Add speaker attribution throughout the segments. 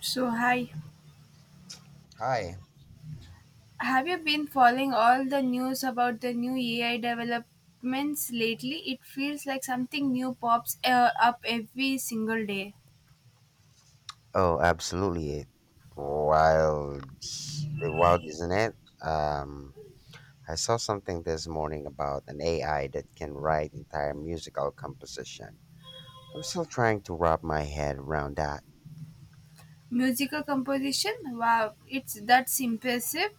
Speaker 1: So, hi.
Speaker 2: Hi.
Speaker 1: Have you been following all the news about the new AI developments lately? It feels like something new pops up every single day.
Speaker 2: Oh, absolutely. Wild, it wild, isn't it? Um, I saw something this morning about an AI that can write entire musical composition. I'm still trying to wrap my head around that.
Speaker 1: Musical composition. Wow, it's that's impressive.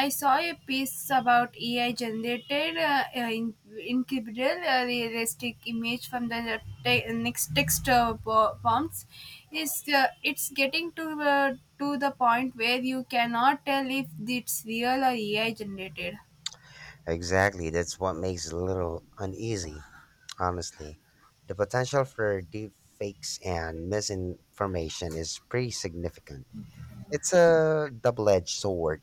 Speaker 1: I saw a piece about AI generated in incredible realistic image from the next text prompts. Is It's getting to the point where you cannot tell if it's real or AI generated.
Speaker 2: Exactly, that's what makes it a little uneasy, honestly. The potential for deep fakes and misinformation is pretty significant. It's a double-edged sword.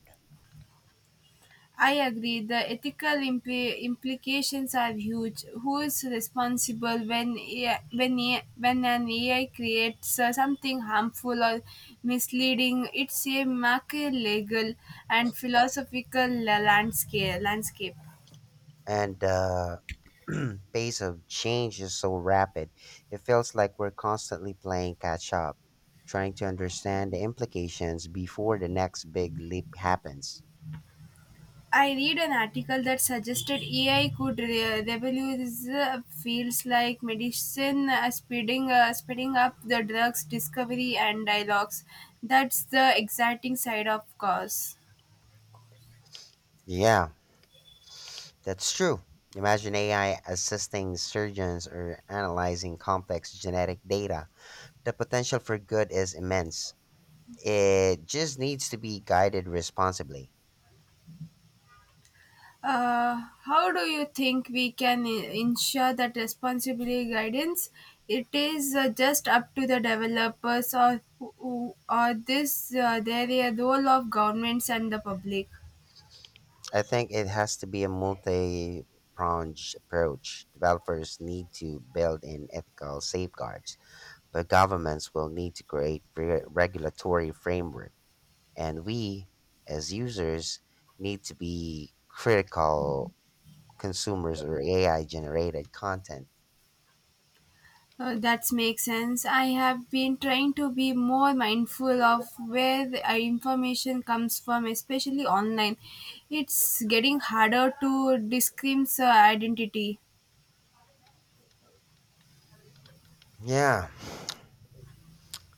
Speaker 1: I agree. The ethical implications are huge. Who is responsible when an AI creates something harmful or misleading? It's a macro legal and philosophical landscape. Landscape.
Speaker 2: And the pace of change is so rapid. It feels like we're constantly playing catch up, trying to understand the implications before the next big leap happens.
Speaker 1: I read an article that suggested AI could revolutionize fields like medicine, speeding up the drugs discovery and dialogues. That's the exciting side, of course.
Speaker 2: Yeah, that's true. Imagine AI assisting surgeons or analyzing complex genetic data. The potential for good is immense. It just needs to be guided responsibly.
Speaker 1: How do you think we can ensure that responsibility guidance? It is just up to the developers, or or this there a role of governments and the public?
Speaker 2: I think it has to be a multi pronged approach. Developers need to build in ethical safeguards, but governments will need to create regulatory framework. And we, as users, need to be critical consumers or AI generated content.
Speaker 1: That makes sense. I have been trying to be more mindful of where the information comes from, especially online. It's getting harder to disclaim identity.
Speaker 2: Yeah,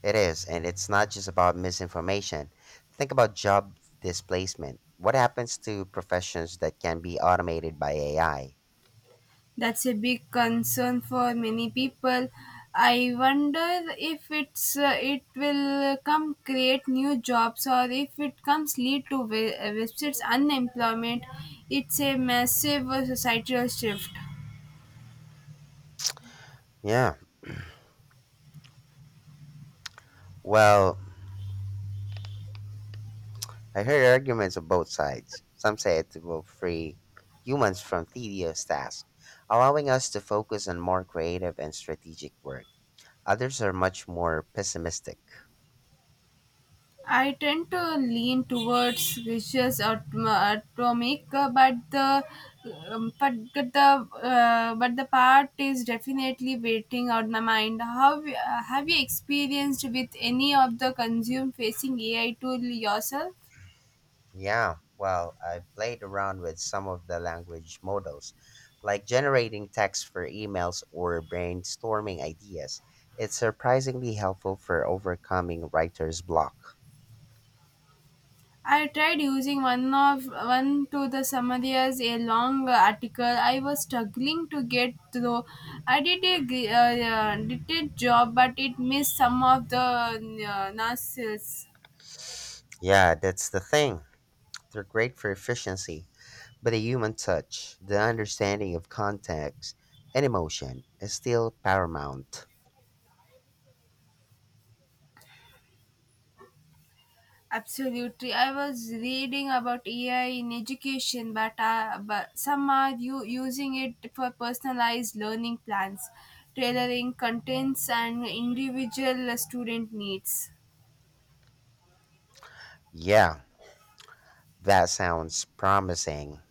Speaker 2: it is. And it's not just about misinformation. Think about job displacement. What happens to professions that can be automated by AI?
Speaker 1: That's a big concern for many people. I wonder if it will come create new jobs, or if it comes lead to websites unemployment. It's a massive societal shift.
Speaker 2: Yeah. Well, I heard arguments on both sides. Some say it will free humans from tedious tasks, allowing us to focus on more creative and strategic work. Others are much more pessimistic.
Speaker 1: I tend to lean towards vicious atomic, um, but the but the part is definitely waiting on my mind. How have you experienced with any of the consume facing AI tool yourself?
Speaker 2: Yeah, well, I've played around with some of the language models, like generating text for emails or brainstorming ideas. It's surprisingly helpful for overcoming writer's block.
Speaker 1: I tried using one to the summaries a long article. I was struggling to get through. I did a did a job, but it missed some of the nuances.
Speaker 2: Yeah, that's the thing. They're great for efficiency, but the human touch, the understanding of context and emotion, is still paramount.
Speaker 1: Absolutely. I was reading about AI in education, but some are you using it for personalized learning plans, tailoring contents and individual student needs.
Speaker 2: Yeah, that sounds promising.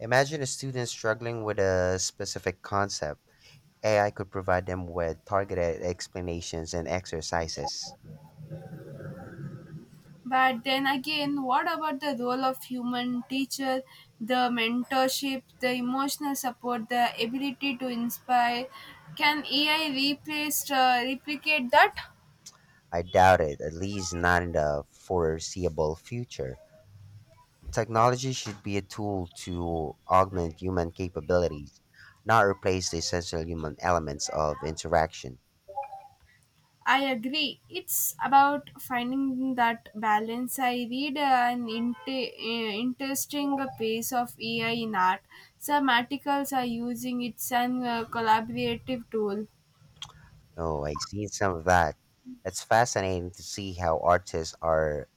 Speaker 2: Imagine a student struggling with a specific concept. AI could provide them with targeted explanations and exercises.
Speaker 1: But then again, what about the role of human teacher, the mentorship, the emotional support, the ability to inspire? Can AI replicate that?
Speaker 2: I doubt it, at least not in the foreseeable future. Technology should be a tool to augment human capabilities, not replace the essential human elements of interaction.
Speaker 1: I agree. It's about finding that balance. I read interesting piece of AI in art. Some articles are using it as a collaborative tool.
Speaker 2: Oh, I seen some of that. It's fascinating to see how artists are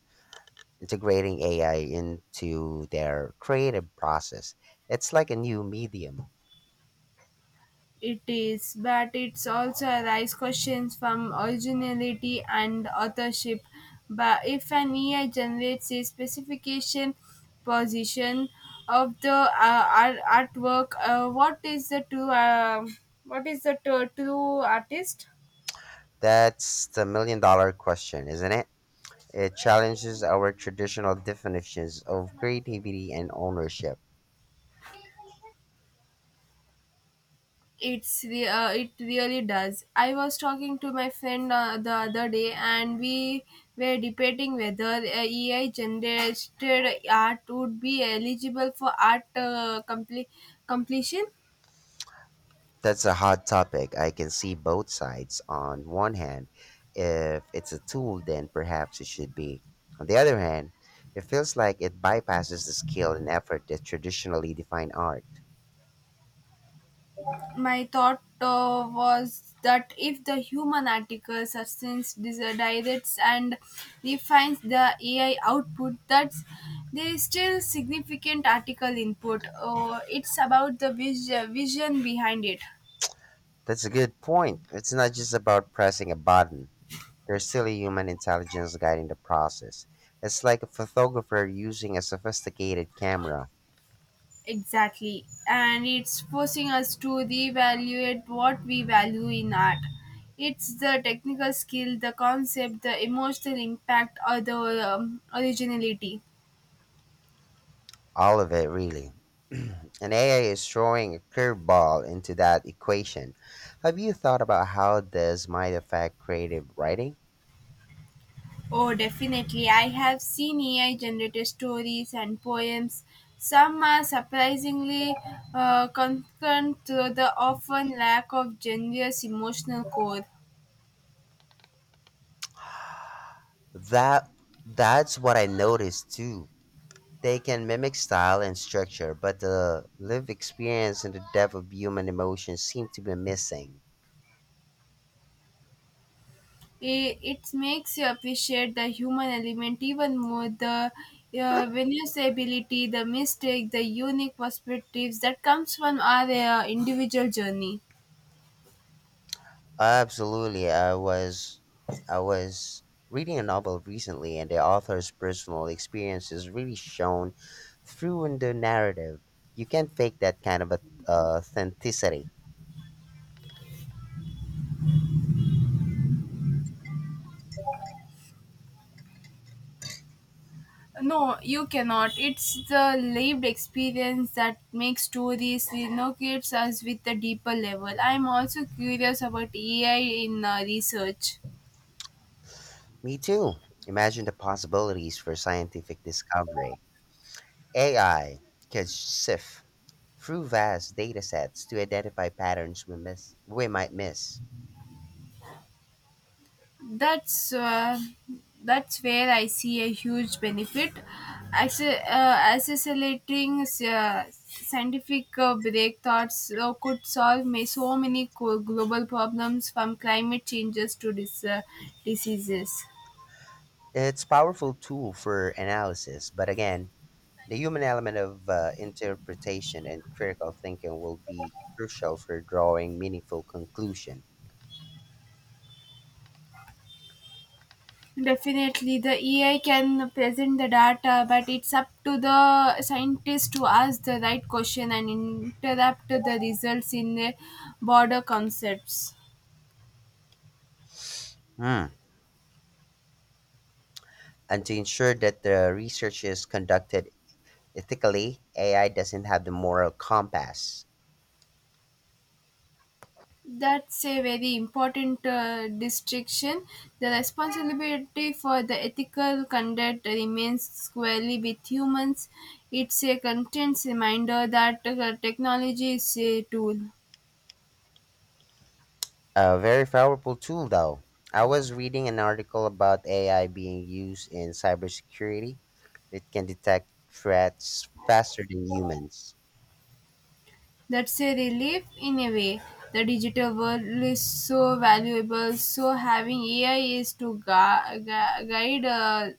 Speaker 2: integrating AI into their creative process. It's like a new medium.
Speaker 1: It is, but it's also raises questions from originality and authorship. But if an AI generates a specification position of the artwork, what is the true artist?
Speaker 2: That's the million dollar question, isn't it? It challenges our traditional definitions of creativity and ownership.
Speaker 1: It really does. I was talking to my friend the other day, and we were debating whether AI generated art would be eligible for art completion.
Speaker 2: That's a hot topic. I can see both sides. On one hand, if it's a tool, then perhaps it should be. On the other hand, it feels like it bypasses the skill and effort that traditionally define art.
Speaker 1: My thought was that if the human article substance directs and refines the AI output, that's there is still significant article input. It's about the vision behind it.
Speaker 2: That's a good point. It's not just about pressing a button. There's still a human intelligence guiding the process. It's like a photographer using a sophisticated camera.
Speaker 1: Exactly. And it's forcing us to reevaluate what we value in art. It's the technical skill, the concept, the emotional impact, or the originality.
Speaker 2: All of it, really. And AI is throwing a curveball into that equation. Have you thought about how this might affect creative writing?
Speaker 1: Oh, definitely. I have seen AI generated stories and poems. Some are surprisingly concerned to the often lack of generous emotional core.
Speaker 2: That that's what I noticed too. They can mimic style and structure, but the lived experience and the depth of human emotion seem to be missing.
Speaker 1: It makes you appreciate the human element even more, the ability, the mistake, the unique perspectives that comes from our individual journey.
Speaker 2: Absolutely. I was reading a novel recently and the author's personal experience is really shown through in the narrative. You can't fake that kind of authenticity.
Speaker 1: No, you cannot. It's the lived experience that makes stories renovates us with a deeper level. I'm also curious about AI in research.
Speaker 2: Me too. Imagine the possibilities for scientific discovery. AI could sift through vast data sets to identify patterns we might miss.
Speaker 1: that's uh, that's where I see a huge benefit. Accelerating scientific breakthroughs could solve may so many global problems, from climate changes to diseases.
Speaker 2: It's a powerful tool for analysis, but again, the human element of interpretation and critical thinking will be crucial for drawing meaningful conclusion.
Speaker 1: Definitely, the AI can present the data, but it's up to the scientist to ask the right question and interrupt the results in broader concepts.
Speaker 2: Hmm. And to ensure that the research is conducted ethically, AI doesn't have the moral compass.
Speaker 1: That's a very important distinction. The responsibility for the ethical conduct remains squarely with humans. It's a content reminder that technology is a tool.
Speaker 2: A very powerful tool, though. I was reading an article about AI being used in cybersecurity. It can detect threats faster than humans.
Speaker 1: That's a relief in a way. The digital world is so valuable, so having AI is to guide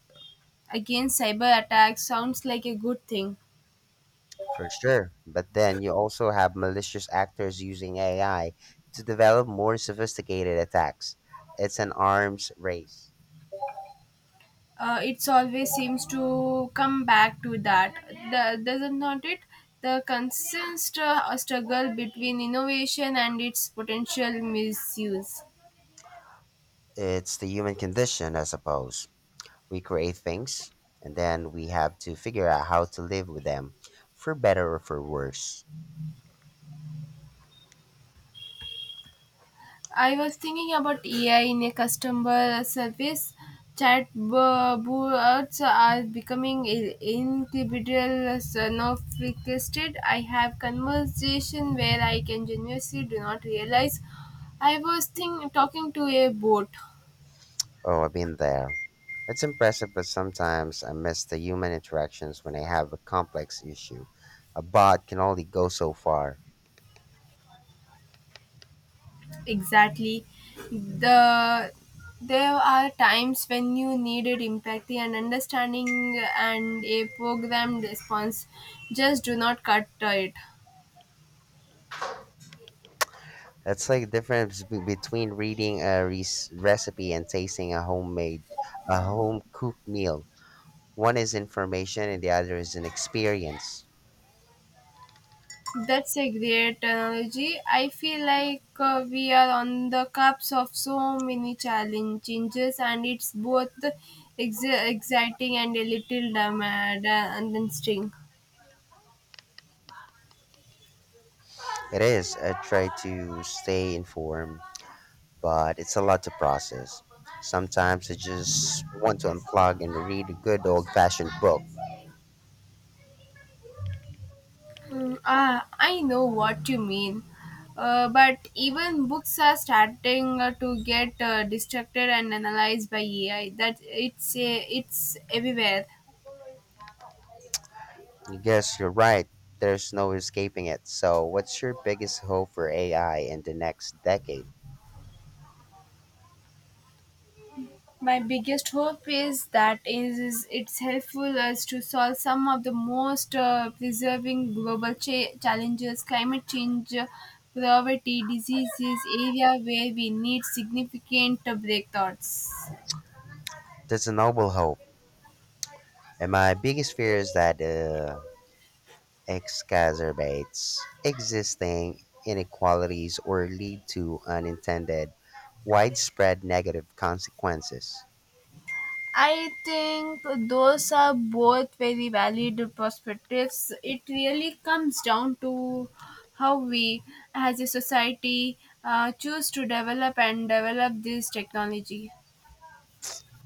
Speaker 1: against cyber attacks sounds like a good thing.
Speaker 2: For sure. But then you also have malicious actors using AI to develop more sophisticated attacks. It's an arms race.
Speaker 1: It's always seems to come back to that, doesn't not it, the constant struggle between innovation and its potential misuse.
Speaker 2: It's the human condition, I suppose. We create things and then we have to figure out how to live with them, for better or for worse.
Speaker 1: I was thinking about AI in a customer service. Chatbots are becoming incredible sophisticated. I have conversation where I can genuinely do not realize I was talking to a bot.
Speaker 2: Oh, I've been there. It's impressive, but sometimes I miss the human interactions when I have a complex issue. A bot can only go so far.
Speaker 1: Exactly. The there are times when you needed empathy and understanding, and a programmed response just do not cut it.
Speaker 2: It's like difference between reading a recipe and tasting a homemade, a home cooked meal. One is information and the other is an experience.
Speaker 1: That's a great analogy. I feel like we are on the cusp of so many challenge changes, and it's both exciting and a little damaged and interesting.
Speaker 2: It is. I try to stay informed, but it's a lot to process. Sometimes I just want to unplug and read a good old fashioned book.
Speaker 1: Mm, ah, I know what you mean. But even books are starting to get distracted and analyzed by AI. That it's everywhere.
Speaker 2: I guess you're right. There's no escaping it. So, what's your biggest hope for AI in the next decade?
Speaker 1: My biggest hope is is it's helpful us to solve some of the most preserving global challenges, climate change, poverty, diseases, area where we need significant breakthroughs.
Speaker 2: That's a noble hope. And my biggest fear is that exacerbates existing inequalities or lead to unintended, widespread negative consequences.
Speaker 1: I think those are both very valid perspectives. It really comes down to how we, as a society, choose to develop and develop this technology.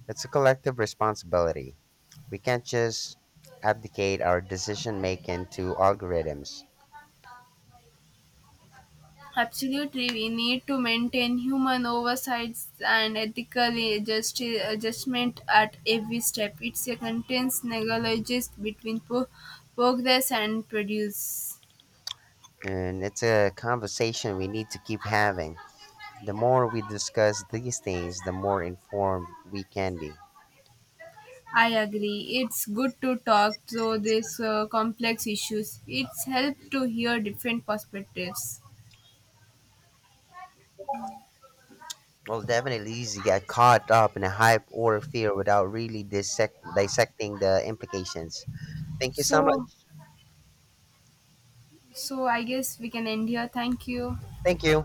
Speaker 2: It's a collective responsibility. We can't just abdicate our decision making to algorithms.
Speaker 1: Absolutely, we need to maintain human oversights and ethical adjustment at every step. It's a continuous negotiation between progress and produce.
Speaker 2: And it's a conversation we need to keep having. The more we discuss these things, the more informed we can be.
Speaker 1: I agree. It's good to talk through these complex issues. It's helped to hear different perspectives.
Speaker 2: Well, definitely easy to get caught up in a hype or fear without really dissecting the implications. Thank you so much.
Speaker 1: So, so I guess we can end here. Thank you.
Speaker 2: Thank you.